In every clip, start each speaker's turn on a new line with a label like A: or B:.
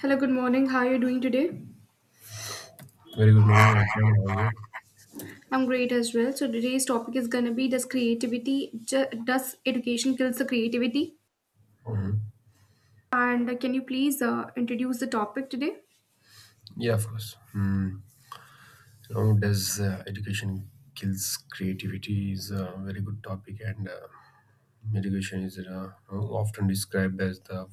A: Hello, good morning. How are you doing today?
B: Very good morning. I'm fine. How are you?
A: I'm great as well. So today's topic is gonna be does creativity does education kills the creativity?
B: Mhm.
A: And can you please introduce the topic today?
B: Yeah, of course. Mm. Does education kills creativity is a very good topic, and education is often described as the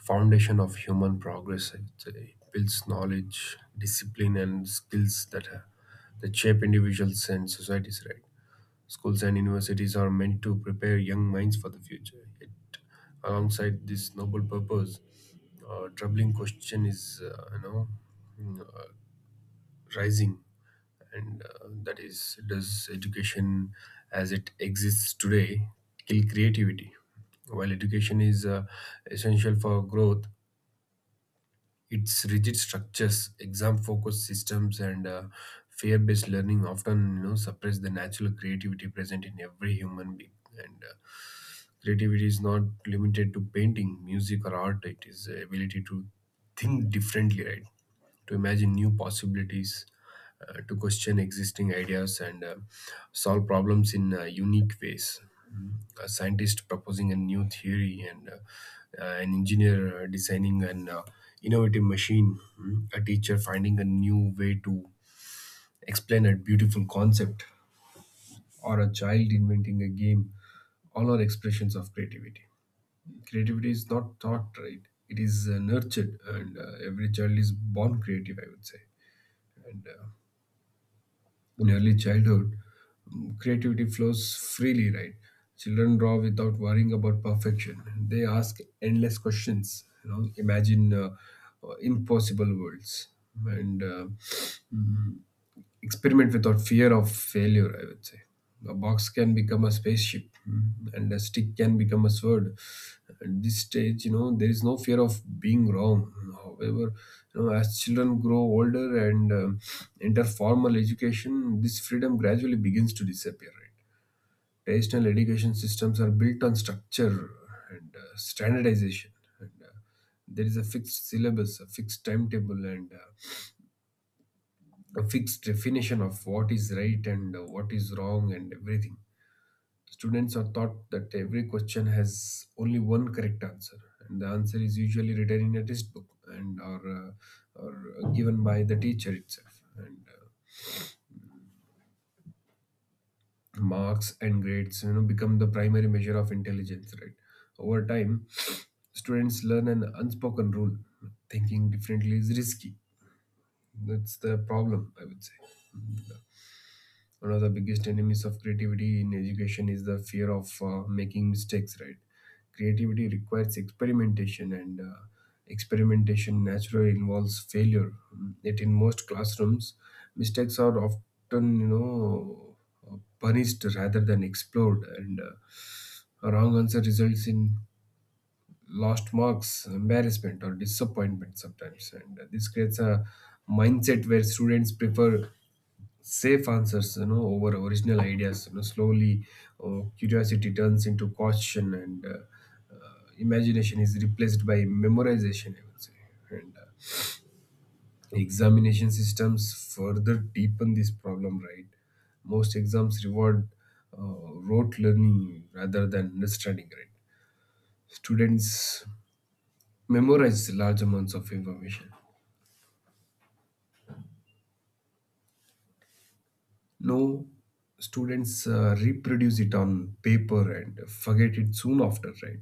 B: foundation of human progress. It builds knowledge, discipline, and skills that that shape individuals and societies. Right? Schools and universities are meant to prepare young minds for the future. It alongside this noble purpose troubling question is mm, uh, rising and that is, does education, as it exists today, kill creativity? While education is essential for growth, its rigid structures, exam focused systems, and fear based learning often suppress the natural creativity present in every human being. And Creativity is not limited to painting, music, or art. It is the ability to think differently, right? To imagine new possibilities, to question existing ideas, and solve problems in unique ways. A scientist proposing a new theory, and an engineer designing an innovative machine, mm, a teacher finding a new way to explain a beautiful concept, or a child inventing a game. All are expressions of creativity. Creativity is not taught, right? It is nurtured, and every child is born creative, I would say. And In early childhood, mm, creativity flows freely, right? Children draw without worrying about perfection. They ask endless questions, you know, imagine impossible worlds. And uh, mm-hmm, Experiment without fear of failure, I would say. A box can become a spaceship, mm, and a stick can become a sword. At this stage, you know, there is no fear of being wrong. However, you know, as children grow older and enter formal education, this freedom gradually begins to disappear. Right? Traditional education systems are built on structure and standardization. And, uh, there is a fixed syllabus, a fixed timetable, and a fixed definition of what is right and what is wrong and everything. Students are taught that every question has only one correct answer, and the answer is usually written in a textbook and or, or given by the teacher itself. And Marks and grades, you know, become the primary measure of intelligence. Right, over time, students learn an unspoken rule: thinking differently is risky. That's the problem, I would say. One of the biggest enemies of creativity in education is the fear of making mistakes, right? Creativity requires experimentation, and experimentation naturally involves failure. Mm, yet in most classrooms, mistakes are often, you know, punished rather than explored, and a wrong answer results in lost marks, embarrassment, or disappointment sometimes, and this creates a mindset where students prefer safe answers, you know, over original ideas. You know, slowly curiosity turns into caution, and imagination is replaced by memorization, I would say. And Examination systems further deepen this problem, right? Most exams reward rote learning rather than understanding, right? Students memorize large amounts of information. No, students reproduce it on paper and forget it soon after, right?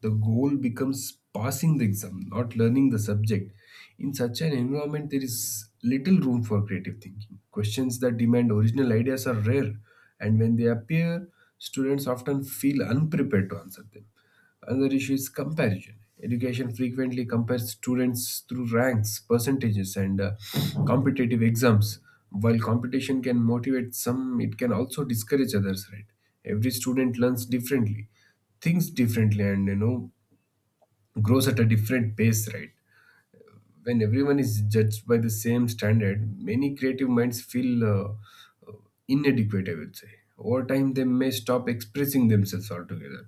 B: The goal becomes passing the exam, not learning the subject. In such an environment, there is little room for creative thinking. Questions that demand original ideas are rare, and when they appear, students often feel unprepared to answer them. Another issue is comparison. Education frequently compares students through ranks, percentages, and competitive exams. While competition can motivate some, it can also discourage others, right? Every student learns differently, thinks differently, and, you know, grows at a different pace, right? When everyone is judged by the same standard, many creative minds feel uh, inadequate, I would say. Over time, they may stop expressing themselves altogether.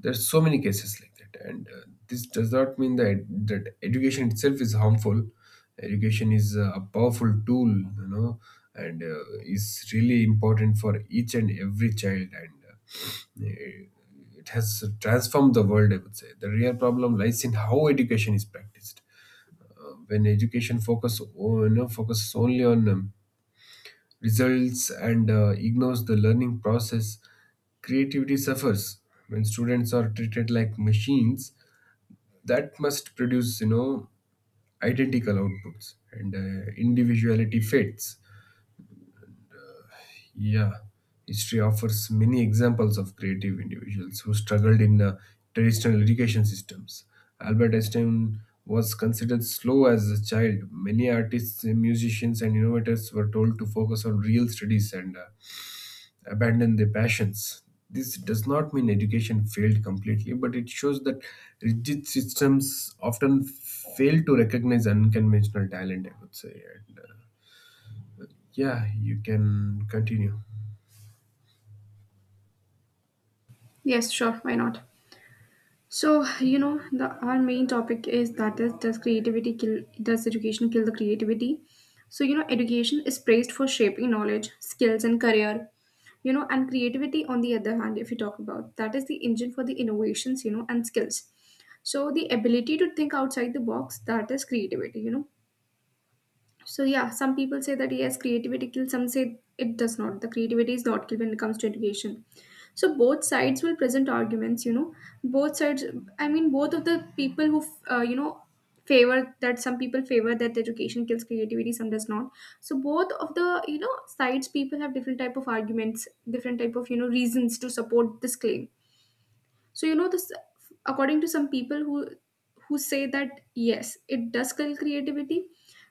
B: There's so many cases like that. And This does not mean that education itself is harmful. Education is a powerful tool, you know, and is really important for each and every child, and it has transformed the world, I would say. The real problem lies in how education is practiced. When education focuses only on results, and ignores the learning process, creativity suffers. When students are treated like machines that must produce, you know, identical outputs, and individuality fades. Yeah, history offers many examples of creative individuals who struggled in traditional education systems. Albert Einstein was considered slow as a child. Many artists, musicians, and innovators were told to focus on real studies and abandon their passions. This does not mean education failed completely, but it shows that rigid systems often fail to recognize unconventional talent, I would say. And, uh, yeah, you can continue.
A: Yes, sure. Why not? So, you know, the our main topic is that is does creativity kill does education kill the creativity? So, you know, education is praised for shaping knowledge, skills and career. You know, and creativity on the other hand, if you talk about that is the engine for the innovations, you know, and skills. So the ability to think outside the box, that is creativity, you know, so yeah, some people say that yes, creativity kills. Some say it does not. The creativity is not killed when it comes to education. So both sides will present arguments. You know, both sides. I mean, both of the people who uh, you know favor that some people favor that education kills creativity, some does not. So both of the you know sides people have different type of arguments, different type of you know reasons to support this claim. So you know this according to some people who say that yes, it does kill creativity,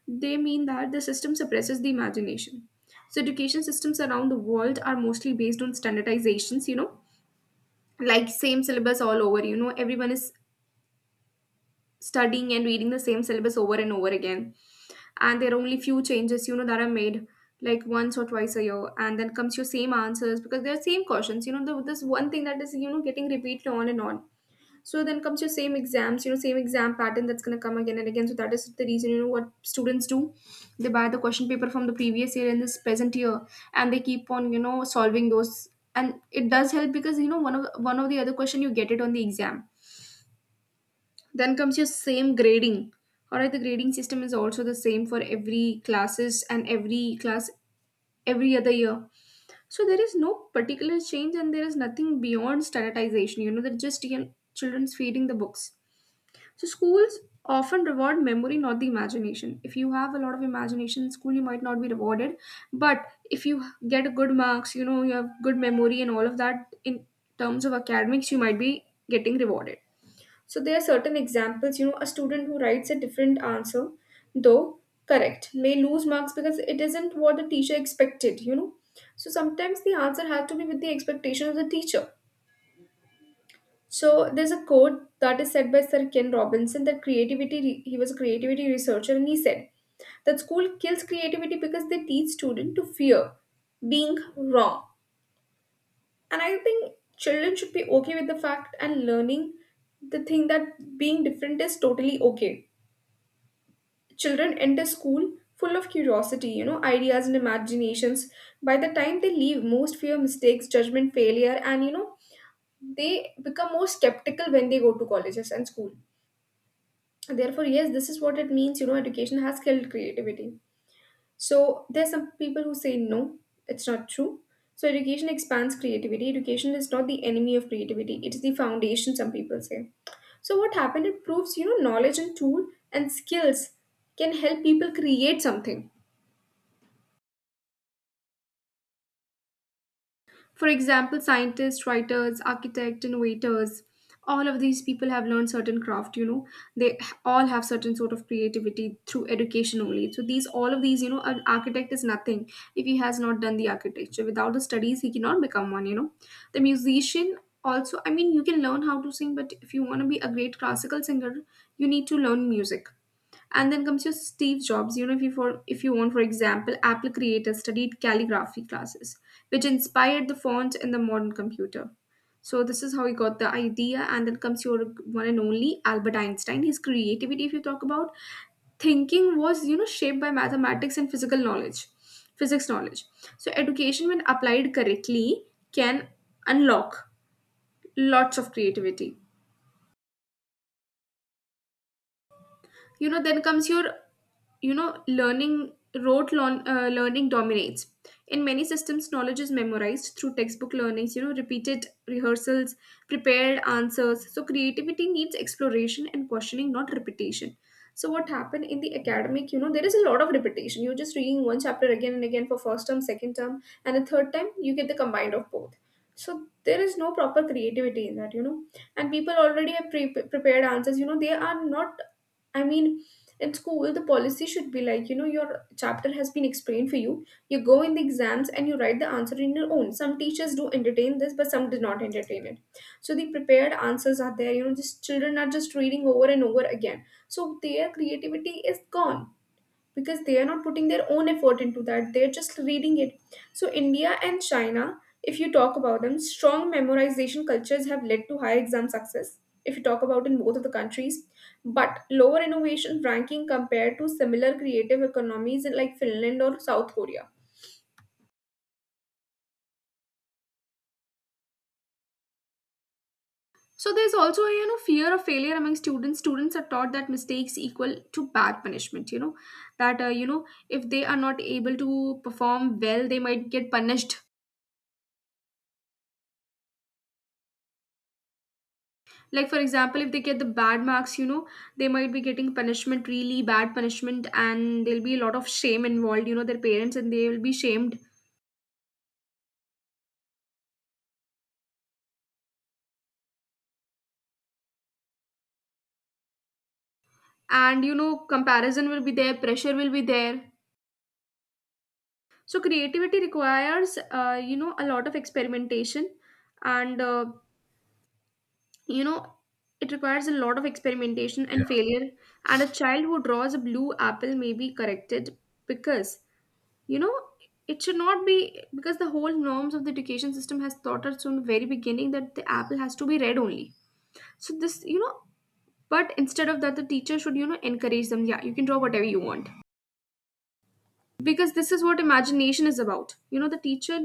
A: they mean that the system suppresses the imagination. So education systems around the world are mostly based on standardizations, you know, like same syllabus all over, you know, everyone is studying and reading the same syllabus over and over again. And there are only few changes, you know, that are made like once or twice a year and then comes your same answers because they are same questions you know the, this one thing that is you know getting repeated on and on. So then comes your same exams, you know, same exam pattern that's going to come again and again. So that is the reason, you know, what students do. They buy the question paper from the previous year and this present year, and they keep on, you know, solving those. And it does help because you know one of the other question you get it on the exam. Then comes your same grading. All right, the grading system is also the same for every classes and every class every other year. So there is no particular change and there is nothing beyond standardization. You know, they're just you know, children's feeding the books. So schools often reward memory, not the imagination. If you have a lot of imagination in school, you might not be rewarded. But if you get good marks, you know, you have good memory and all of that in terms of academics, you might be getting rewarded. So there are certain examples, you know, a student who writes a different answer, though correct, may lose marks because it isn't what the teacher expected, you know. So sometimes the answer has to be with the expectation of the teacher. So there's a quote that is said by Sir Ken Robinson, that creativity, he was a creativity researcher, and he said that school kills creativity because they teach students to fear being wrong. And I think children should be okay with the fact and learning the thing that being different is totally okay. Children enter school full of curiosity, you know, ideas and imaginations. By the time they leave, most fear mistakes, judgment, failure, and you know, they become more skeptical when they go to colleges and school. Therefore yes, this is what it means, you know, education has killed creativity. So there's some people who say no, it's not true. So education expands creativity. Education is not the enemy of creativity, it is the foundation, some people say. So what happened, it proves you know knowledge and tool and skills can help people create something. For example, scientists, writers, architects, innovators, all of these people have learned certain craft, you know, they all have certain sort of creativity through education only. So these, all of these, you know, an architect is nothing if he has not done the architecture. Without the studies, he cannot become one, you know. The musician also, I mean, you can learn how to sing, but if you want to be a great classical singer, you need to learn music. And then comes your Steve Jobs. You know, if you for if you want, for example, Apple creator studied calligraphy classes, which inspired the font in the modern computer. So this is how he got the idea. And then comes your one and only Albert Einstein. His creativity, if you talk about, thinking was you know shaped by mathematics and physical knowledge, physics knowledge. So education when applied correctly can unlock lots of creativity. You know then comes your you know learning rote learning dominates in many systems. Knowledge is memorized through textbook learnings, you know, repeated rehearsals, prepared answers. So creativity needs exploration and questioning, not repetition. So what happened in the academic, you know, there is a lot of repetition, you're just reading one chapter again and again for first term, second term, and the third time you get the combined of both. So there is no proper creativity in that, you know. And people already have prepared answers, you know, they are not, I mean, in school, the policy should be like, you know, your chapter has been explained for you. You go in the exams and you write the answer in your own. Some teachers do entertain this, but some do not entertain it. So the prepared answers are there. You know, just children are just reading over and over again. So their creativity is gone because they are not putting their own effort into that, they're just reading it. So India and China, if you talk about them, strong memorization cultures have led to high exam success, if you talk about in both of the countries, but lower innovation ranking compared to similar creative economies in like Finland or South Korea. So there's also a you know fear of failure among students. Students are taught that mistakes equal to bad punishment. You know that if they are not able to perform well, they might get punished, like for example if they get the bad marks, you know, they might be getting punishment, really bad punishment, and there'll be a lot of shame involved, you know, their parents and they will be shamed. And you know comparison will be there, pressure will be there. So creativity requires you know a lot of experimentation and you know it requires a lot of experimentation and failure. And a child who draws a blue apple may be corrected because, you know, it should not be, because the whole norms of the education system has taught us from the very beginning that the apple has to be red only. So this, you know, but instead of that the teacher should, you know, encourage them, yeah, you can draw whatever you want, because this is what imagination is about. You know the teacher,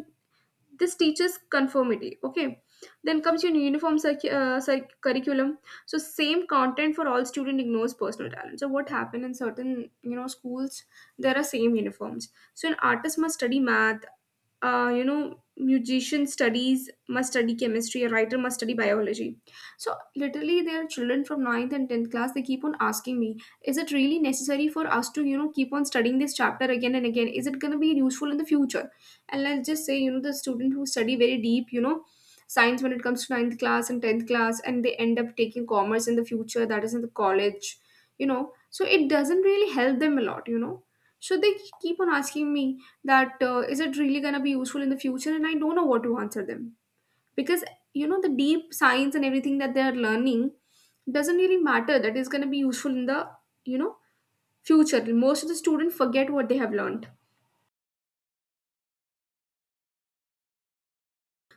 A: this teaches conformity. Okay, then comes your curriculum. So same content for all student ignores personal talent. So what happened in certain, you know, schools, there are same uniforms. So an artist must study math, you know musician studies must study chemistry, a writer must study biology. So literally there are children from ninth and 10th class, they keep on asking me, is it really necessary for us to, you know, keep on studying this chapter again and again, is it going to be useful in the future? And let's just say, you know, the student who study very deep, you know, science when it comes to ninth class and 10th class, and they end up taking commerce in the future, that is in the college, you know, so it doesn't really help them a lot, you know. Should they keep on asking me that is it really going to be useful in the future? And I don't know what to answer them because you know the deep science and everything that they are learning doesn't really matter. That is going to be useful in the, you know, future. Most of the students forget what they have learned.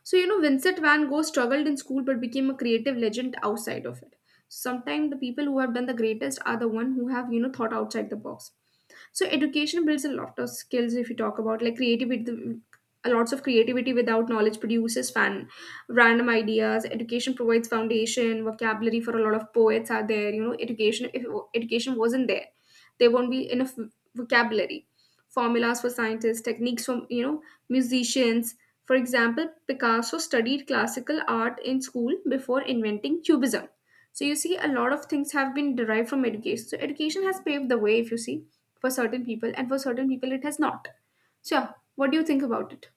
A: So, you know, Vincent van Gogh struggled in school but became a creative legend outside of it. Sometimes the people who have done the greatest are the one who have, you know, thought outside the box. So education builds a lot of skills if you talk about like creativity, a lots of creativity without knowledge produces fan random ideas. Education provides foundation vocabulary for a lot of poets are there. You know, education wasn't there, there won't be enough vocabulary, formulas for scientists, techniques from, you know, musicians. For example, Picasso studied classical art in school before inventing cubism. So you see a lot of things have been derived from education. So education has paved the way, if you see, for certain people, and for certain people it has not. So yeah, what do you think about it?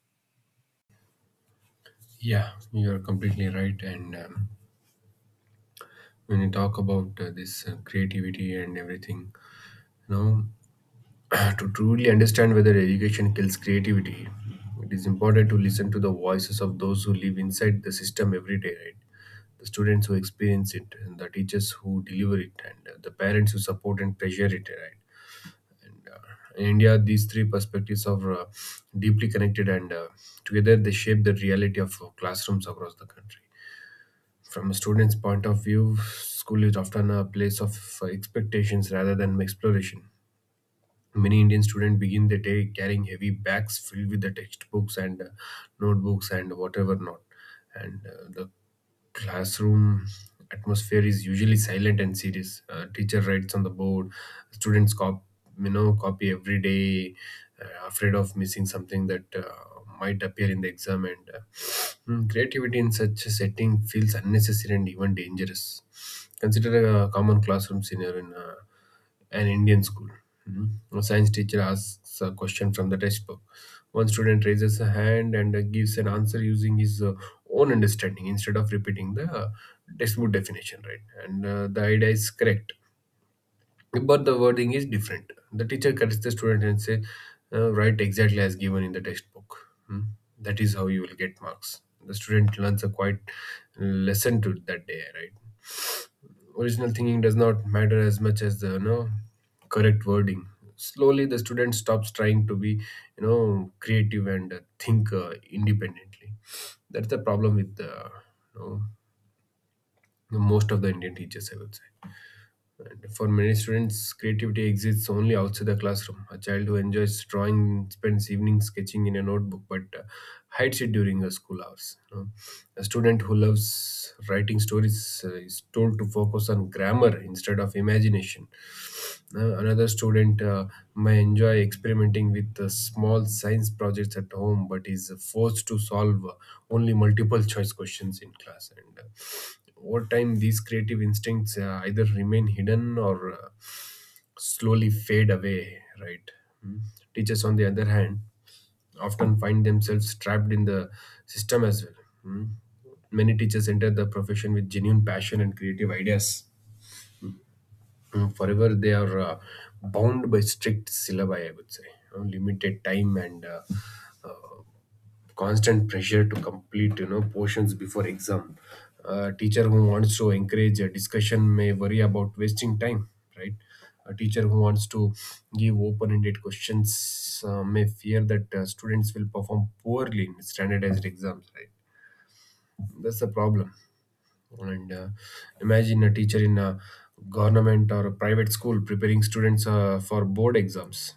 B: Yeah, you're completely right. And when you talk about this creativity and everything, you know, to truly understand whether education kills creativity, it is important to listen to the voices of those who live inside the system every day, right? The students who experience it, and the teachers who deliver it, and the parents who support and pressure it, right? And In India, these three perspectives are deeply connected, and together they shape the reality of classrooms across the country. From a student's point of view, school is often a place of expectations rather than exploration. Many Indian students begin their day carrying heavy bags filled with the textbooks and notebooks and whatever not. And The classroom atmosphere is usually silent and serious. Teacher writes on the board, students copy every day, afraid of missing something that might appear in the exam. Creativity in such a setting feels unnecessary and even dangerous. Consider a common classroom scenario in an Indian school. Mm. A science teacher asks a question from the textbook. One student raises a hand and gives an answer using his own understanding instead of repeating the textbook definition, right? And The idea is correct, but the wording is different. The teacher corrects the student and say, "Write exactly as given in the textbook. Hmm? That is how you will get marks." The student learns a quite lesson to that day, right? Original thinking does not matter as much as the, you know, correct wording. Slowly, the student stops trying to be, you know, creative and think independently. That's the problem with the, you know, most of the Indian teachers, I would say. And for many students, creativity exists only outside the classroom. A child who enjoys drawing spends evenings sketching in a notebook, but hides it during the school hours, you know. A student who loves writing stories is told to focus on grammar instead of imagination. Another student may enjoy experimenting with small science projects at home, but is forced to solve only multiple choice questions in class. And Over time, these creative instincts either remain hidden or slowly fade away, right? Mm. Teachers, on the other hand, often find themselves trapped in the system as well. Mm. Many teachers enter the profession with genuine passion and creative ideas. Mm, forever they are bound by strict syllabi, I would say, you know, limited time, and uh, constant pressure to complete, you know, portions before exam. A teacher who wants to encourage a discussion may worry about wasting time, right? A teacher who wants to give open-ended questions may fear that students will perform poorly in standardized exams, right? That's the problem. And Imagine a teacher in a government or a private school preparing students for board exams.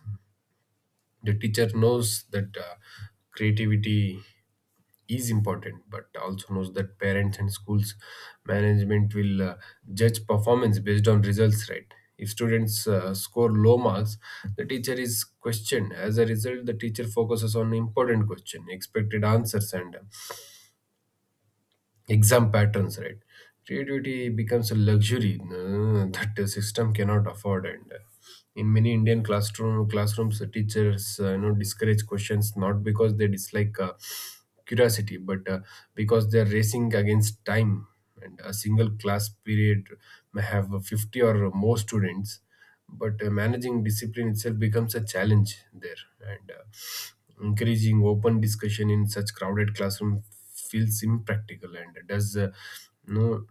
B: The teacher knows that creativity is important, but also knows that parents and schools management will judge performance based on results, right? If students score low marks, the teacher is questioned. As a result, the teacher focuses on important question, expected answers, and exam patterns, right? Creativity becomes a luxury that the system cannot afford. And In many Indian classrooms, the teachers discourage questions, not because they dislike curiosity, but because they are racing against time. And a single class period may have 50 or more students, but managing discipline itself becomes a challenge there, and encouraging open discussion in such crowded classroom feels impractical and does no,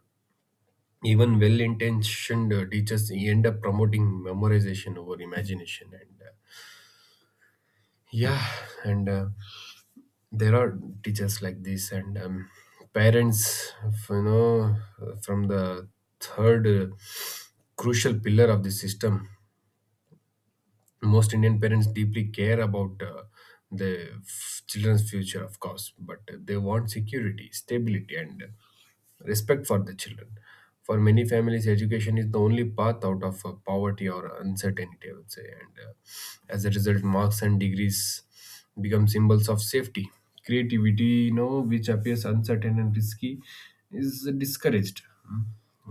B: even well-intentioned teachers end up promoting memorization over imagination, and yeah and uh, there are teachers like this. And parents of, you know, from the third crucial pillar of the system, most Indian parents deeply care about the children's future, of course, but they want security, stability, and respect for the children. For many families, education is the only path out of poverty or uncertainty, I would say. And As a result, marks and degrees become symbols of safety. Creativity, you know, which appears uncertain and risky, is discouraged. Hmm.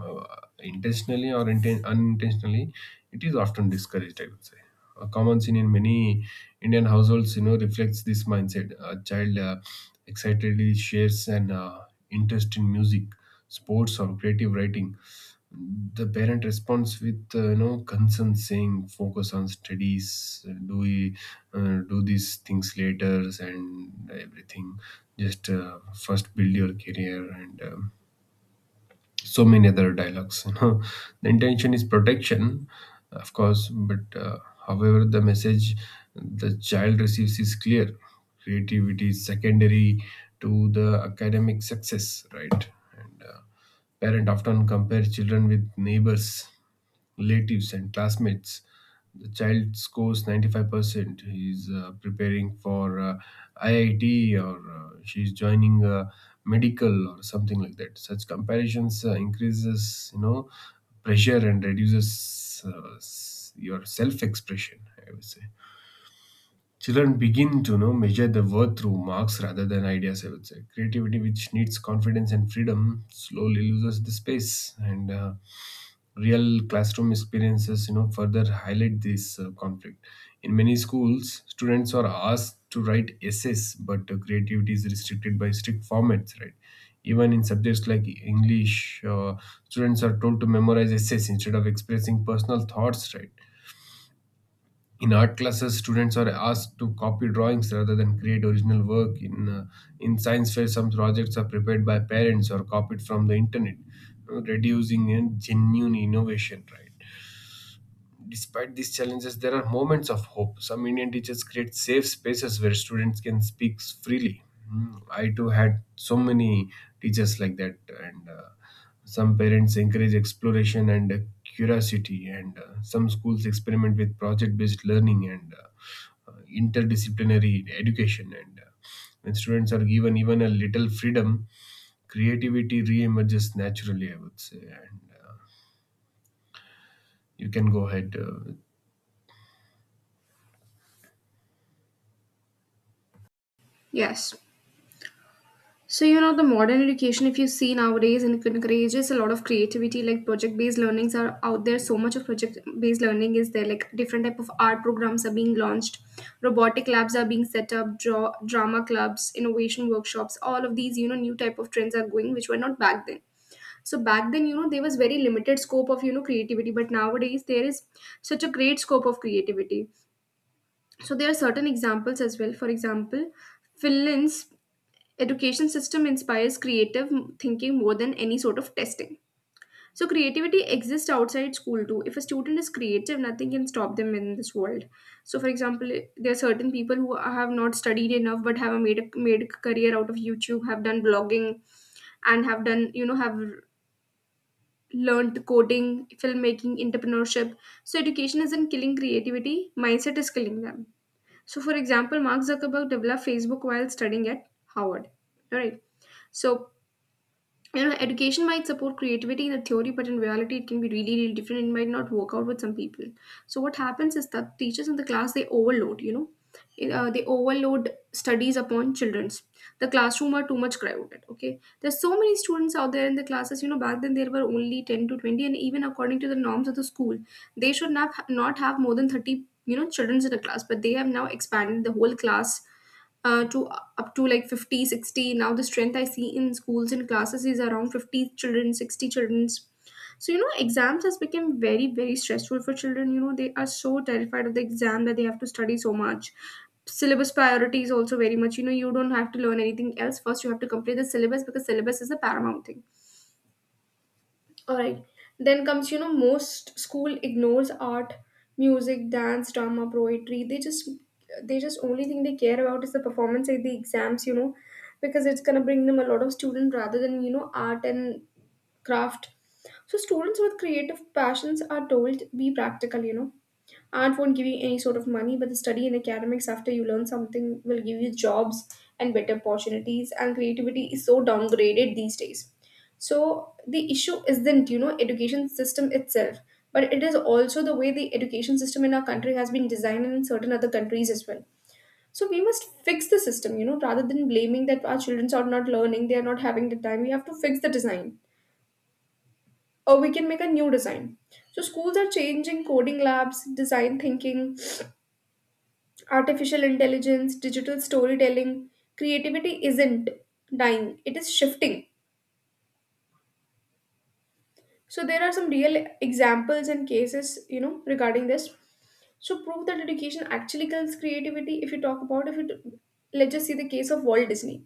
B: Uh, intentionally or unintentionally, it is often discouraged, I would say. A common scene in many Indian households, you know, reflects this mindset. A child excitedly shares an interest in music, sports, or creative writing. The parent responds with, concern, saying, "Focus on studies. Do we do these things later and everything. Just first build your career and." So many other dialogues, you know. The intention is protection, of course, but however, the message the child receives is clear. Creativity is secondary to the academic success, right? and Parent often compare children with neighbors, relatives, and classmates. The child scores 95%. He's preparing for IIT, or she's joining medical or something like that. Such comparisons increases, you know, pressure and reduces your self-expression, I would say. Children begin to, you know, measure the worth through marks rather than ideas, I would say. Creativity, which needs confidence and freedom, slowly loses the space. And Real classroom experiences, you know, further highlight this conflict. In many schools, students are asked to write essays, but creativity is restricted by strict formats, right? Even in subjects like English, students are told to memorize essays instead of expressing personal thoughts, right? In art classes, students are asked to copy drawings rather than create original work. In science fair, some projects are prepared by parents or copied from the internet, you know, reducing genuine innovation, right? Despite these challenges, there are moments of hope. Some Indian teachers create safe spaces where students can speak freely. Mm, I too had so many teachers like that, and some parents encourage exploration and curiosity, and some schools experiment with project based learning and interdisciplinary education. And When students are given even a little freedom, creativity re emerges naturally, I would say. And You can go ahead.
A: Yes. So, you know, the modern education, if you see nowadays, and it encourages a lot of creativity, like project-based learnings are out there. So much of project-based learning is there, like different type of art programs are being launched, robotic labs are being set up, drama clubs, innovation workshops, all of these, you know, new type of trends are going, which were not back then. So back then, you know, there was very limited scope of, you know, creativity, but nowadays there is such a great scope of creativity. So there are certain examples as well. For example, Finland's education system inspires creative thinking more than any sort of testing. So creativity exists outside school too. If a student is creative, nothing can stop them in this world. So for example, there are certain people who have not studied enough but have made a career out of YouTube, have done blogging, and have done you know have learned coding, filmmaking, entrepreneurship. So education isn't killing creativity; mindset is killing them. So for example, Mark Zuckerberg developed Facebook while studying at Howard. All right. So, you know, education might support creativity in the theory, but in reality, it can be really, really different. It might not work out with some people. So what happens is that teachers in the class they overload. You know, they overload studies upon childrens. The classroom are too much crowded. Okay, there's so many students out there in the classes. You know, back then there were only 10 to 20, and even according to the norms of the school, they should not have more than 30. You know, childrens in a class, but they have now expanded the whole class to up to like 50, 60. Now the strength I see in schools and classes is around 50 children, 60 children. So you know exams has become very very stressful for children. You know they are so terrified of the exam that they have to study so much. Syllabus priority is also very much, you know, you don't have to learn anything else. First you have to complete the syllabus because syllabus is a paramount thing. All right. Then comes, you know, most school ignores art, music, dance, drama, poetry. They just, only thing they care about is the performance at the exams, you know, because it's gonna bring them a lot of student rather than, you know, art and craft. So students with creative passions are told be practical. You know, art won't give you any sort of money, but the study in academics after you learn something will give you jobs and better opportunities. And creativity is so downgraded these days. So the issue isn't, you know, education system itself, but it is also the way the education system in our country has been designed, and in certain other countries as well. So we must fix the system, you know, rather than blaming that our children are not learning, they are not having the time. We have to fix the design, or we can make a new design. So schools are changing: coding labs, design thinking, artificial intelligence, digital storytelling. Creativity isn't dying, it is shifting. So there are some real examples and cases, you know, regarding this. So prove that education actually kills creativity. If you talk about, if it, let's just see the case of Walt Disney.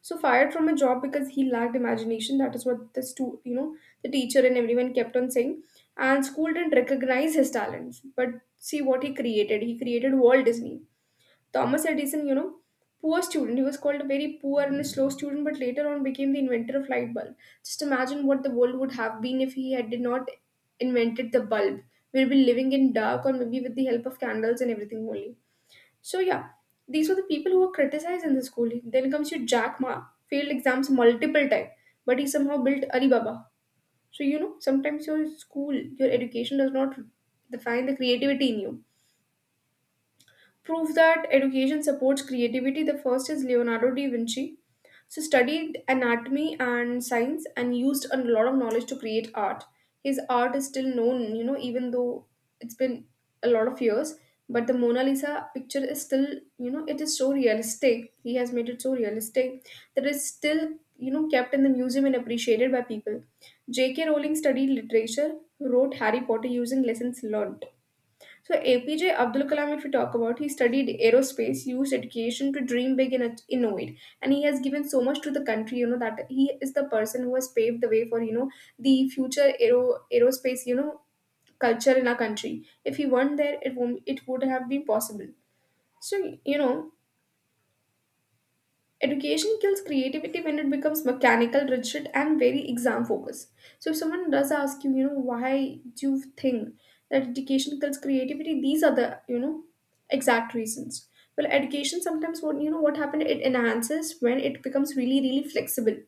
A: So fired from a job because he lacked imagination. That is what the stu- you know, the teacher and everyone kept on saying. And school didn't recognize his talents, but see what he created. He created Walt Disney. Thomas Edison, you know, poor student. He was called a very poor and a slow student, but later on became the inventor of light bulb. Just imagine what the world would have been if he had did not invented the bulb. We'll be living in dark or maybe with the help of candles and everything only. So yeah, these were the people who were criticized in the school. Then comes your Jack Ma, failed exams multiple times, but he somehow built Alibaba. So you know, sometimes your school, your education does not define the creativity in you. Prove that education supports creativity. The first is Leonardo da Vinci. So studied anatomy and science and used a lot of knowledge to create art. His art is still known, you know, even though it's been a lot of years. But the Mona Lisa picture is still, you know, it is so realistic. He has made it so realistic that it's still, you know, kept in the museum and appreciated by people. J.K. Rowling studied literature, wrote Harry Potter using lessons learned. So APJ Abdul Kalam, if we talk about, he studied aerospace, used education to dream big and innovate, and he has given so much to the country. You know that he is the person who has paved the way for, you know, the future aerospace, you know, culture in our country. If he weren't there, it won't it would have been possible. So, you know, education kills creativity when it becomes mechanical, rigid, and very exam focused. So if someone does ask you, you know, why do you think that education kills creativity? These are the, you know, exact reasons. Well, education sometimes, what you know what happened, it enhances when it becomes really really flexible,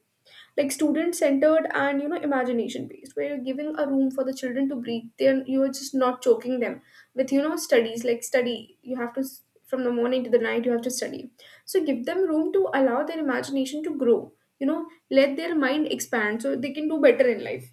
A: like student centered, and you know imagination based, where you're giving a room for the children to breathe, then you're just not choking them with, you know, studies. Like study, you have to s- from the morning to the night you have to study. So give them room to allow their imagination to grow, you know, let their mind expand so they can do better in life.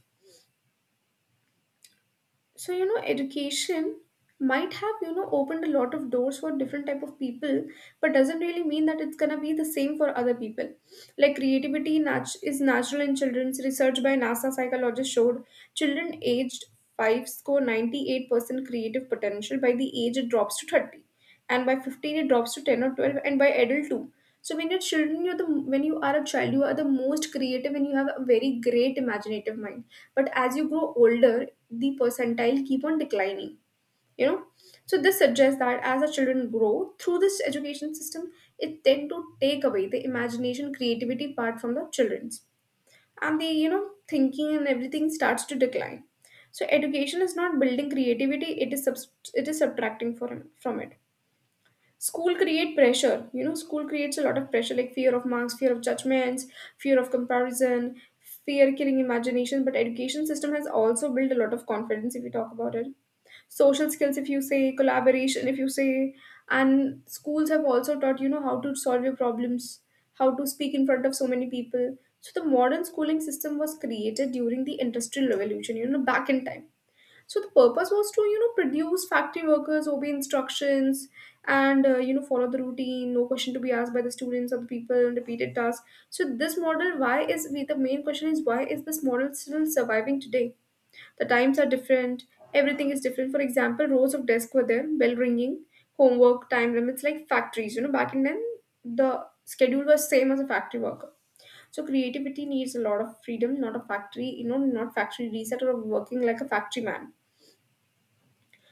A: So, you know, education might have, you know, opened a lot of doors for different type of people, but doesn't really mean that it's gonna be the same for other people. Like creativity is natural in children's. Research by NASA psychologists showed children aged 5 score 98% creative potential. By the age it drops to 30, and by 15 it drops to 10 or 12, and by adult too. So when you are a child, you are the most creative and you have a very great imaginative mind. But as you grow older, the percentile keep on declining. You know, so this suggests that as our children grow through this education system, it tend to take away the imagination, creativity part from the children's, and the, you know, thinking and everything starts to decline. So education is not building creativity; it is subtracting from it. School create pressure. You know, school creates a lot of pressure, like fear of marks, fear of judgments, fear of comparison, fear killing imagination. But education system has also built a lot of confidence if you talk about it. Social skills, if you say, collaboration, if you say, and schools have also taught you know how to solve your problems, how to speak in front of so many people. So the modern schooling system was created during the industrial revolution. You know, back in time, so the purpose was to, you know, produce factory workers, obey instructions, and you know, follow the routine, no question to be asked by the students or the people, repeated tasks. So this model, why is we the main question is why is this model still surviving today? The times are different, everything is different. For example, rows of desks were there, bell ringing, homework, time limits like factories. You know back in then the schedule was same as a factory worker. So creativity needs a lot of freedom, not a factory, you know, not factory reset or working like a factory man.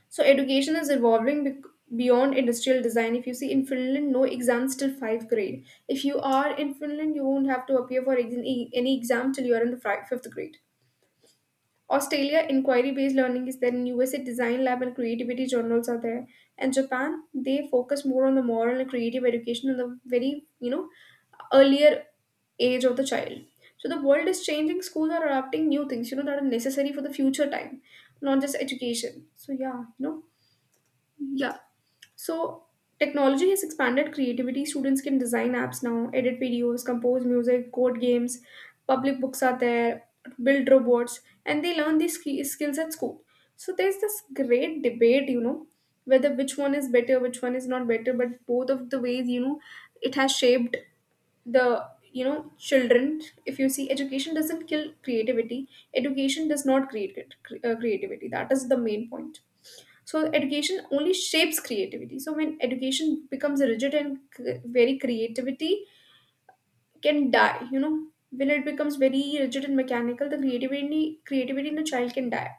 A: So education is evolving beyond industrial design. If you see, in Finland, no exams till fifth grade. If you are in Finland, you won't have to appear for any exam till you are in the fifth grade. Australia, inquiry based learning is there. In USA, design lab and creativity journals are there. And Japan, they focus more on the moral and creative education in the very, you know, earlier age of the child. So the world is changing. Schools are adapting new things, you know, that are necessary for the future time, not just education. So yeah, you know, yeah. So, technology has expanded creativity. Students can design apps now, edit videos, compose music, code games, public books are there, build robots, and they learn these skills at school. So, there's this great debate, you know, whether which one is better, which one is not better, but both of the ways, you know, it has shaped the, you know, children. If you see, education doesn't kill creativity. Education does not create creativity. That is the main point. So education only shapes creativity. So when education becomes rigid and very, creativity can die. You know, when it becomes very rigid and mechanical, the creativity in the child can die.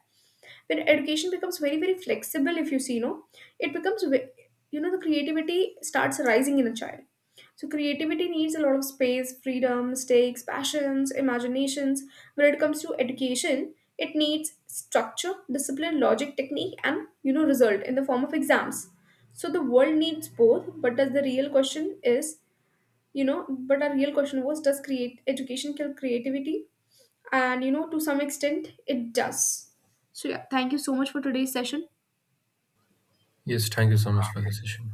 A: When education becomes very very flexible, if you see, you know, it becomes ve- the creativity starts rising in a child. So creativity needs a lot of space, freedom, mistakes, passions, imaginations. When it comes to education, it needs structure, discipline, logic, technique, and, you know, result in the form of exams. So the world needs both, but does the real question is, you know, but our real question was, does create education kill creativity? And you know, to some extent, it does. So yeah, thank you so much for today's session.
B: Yes, thank you so much for the session.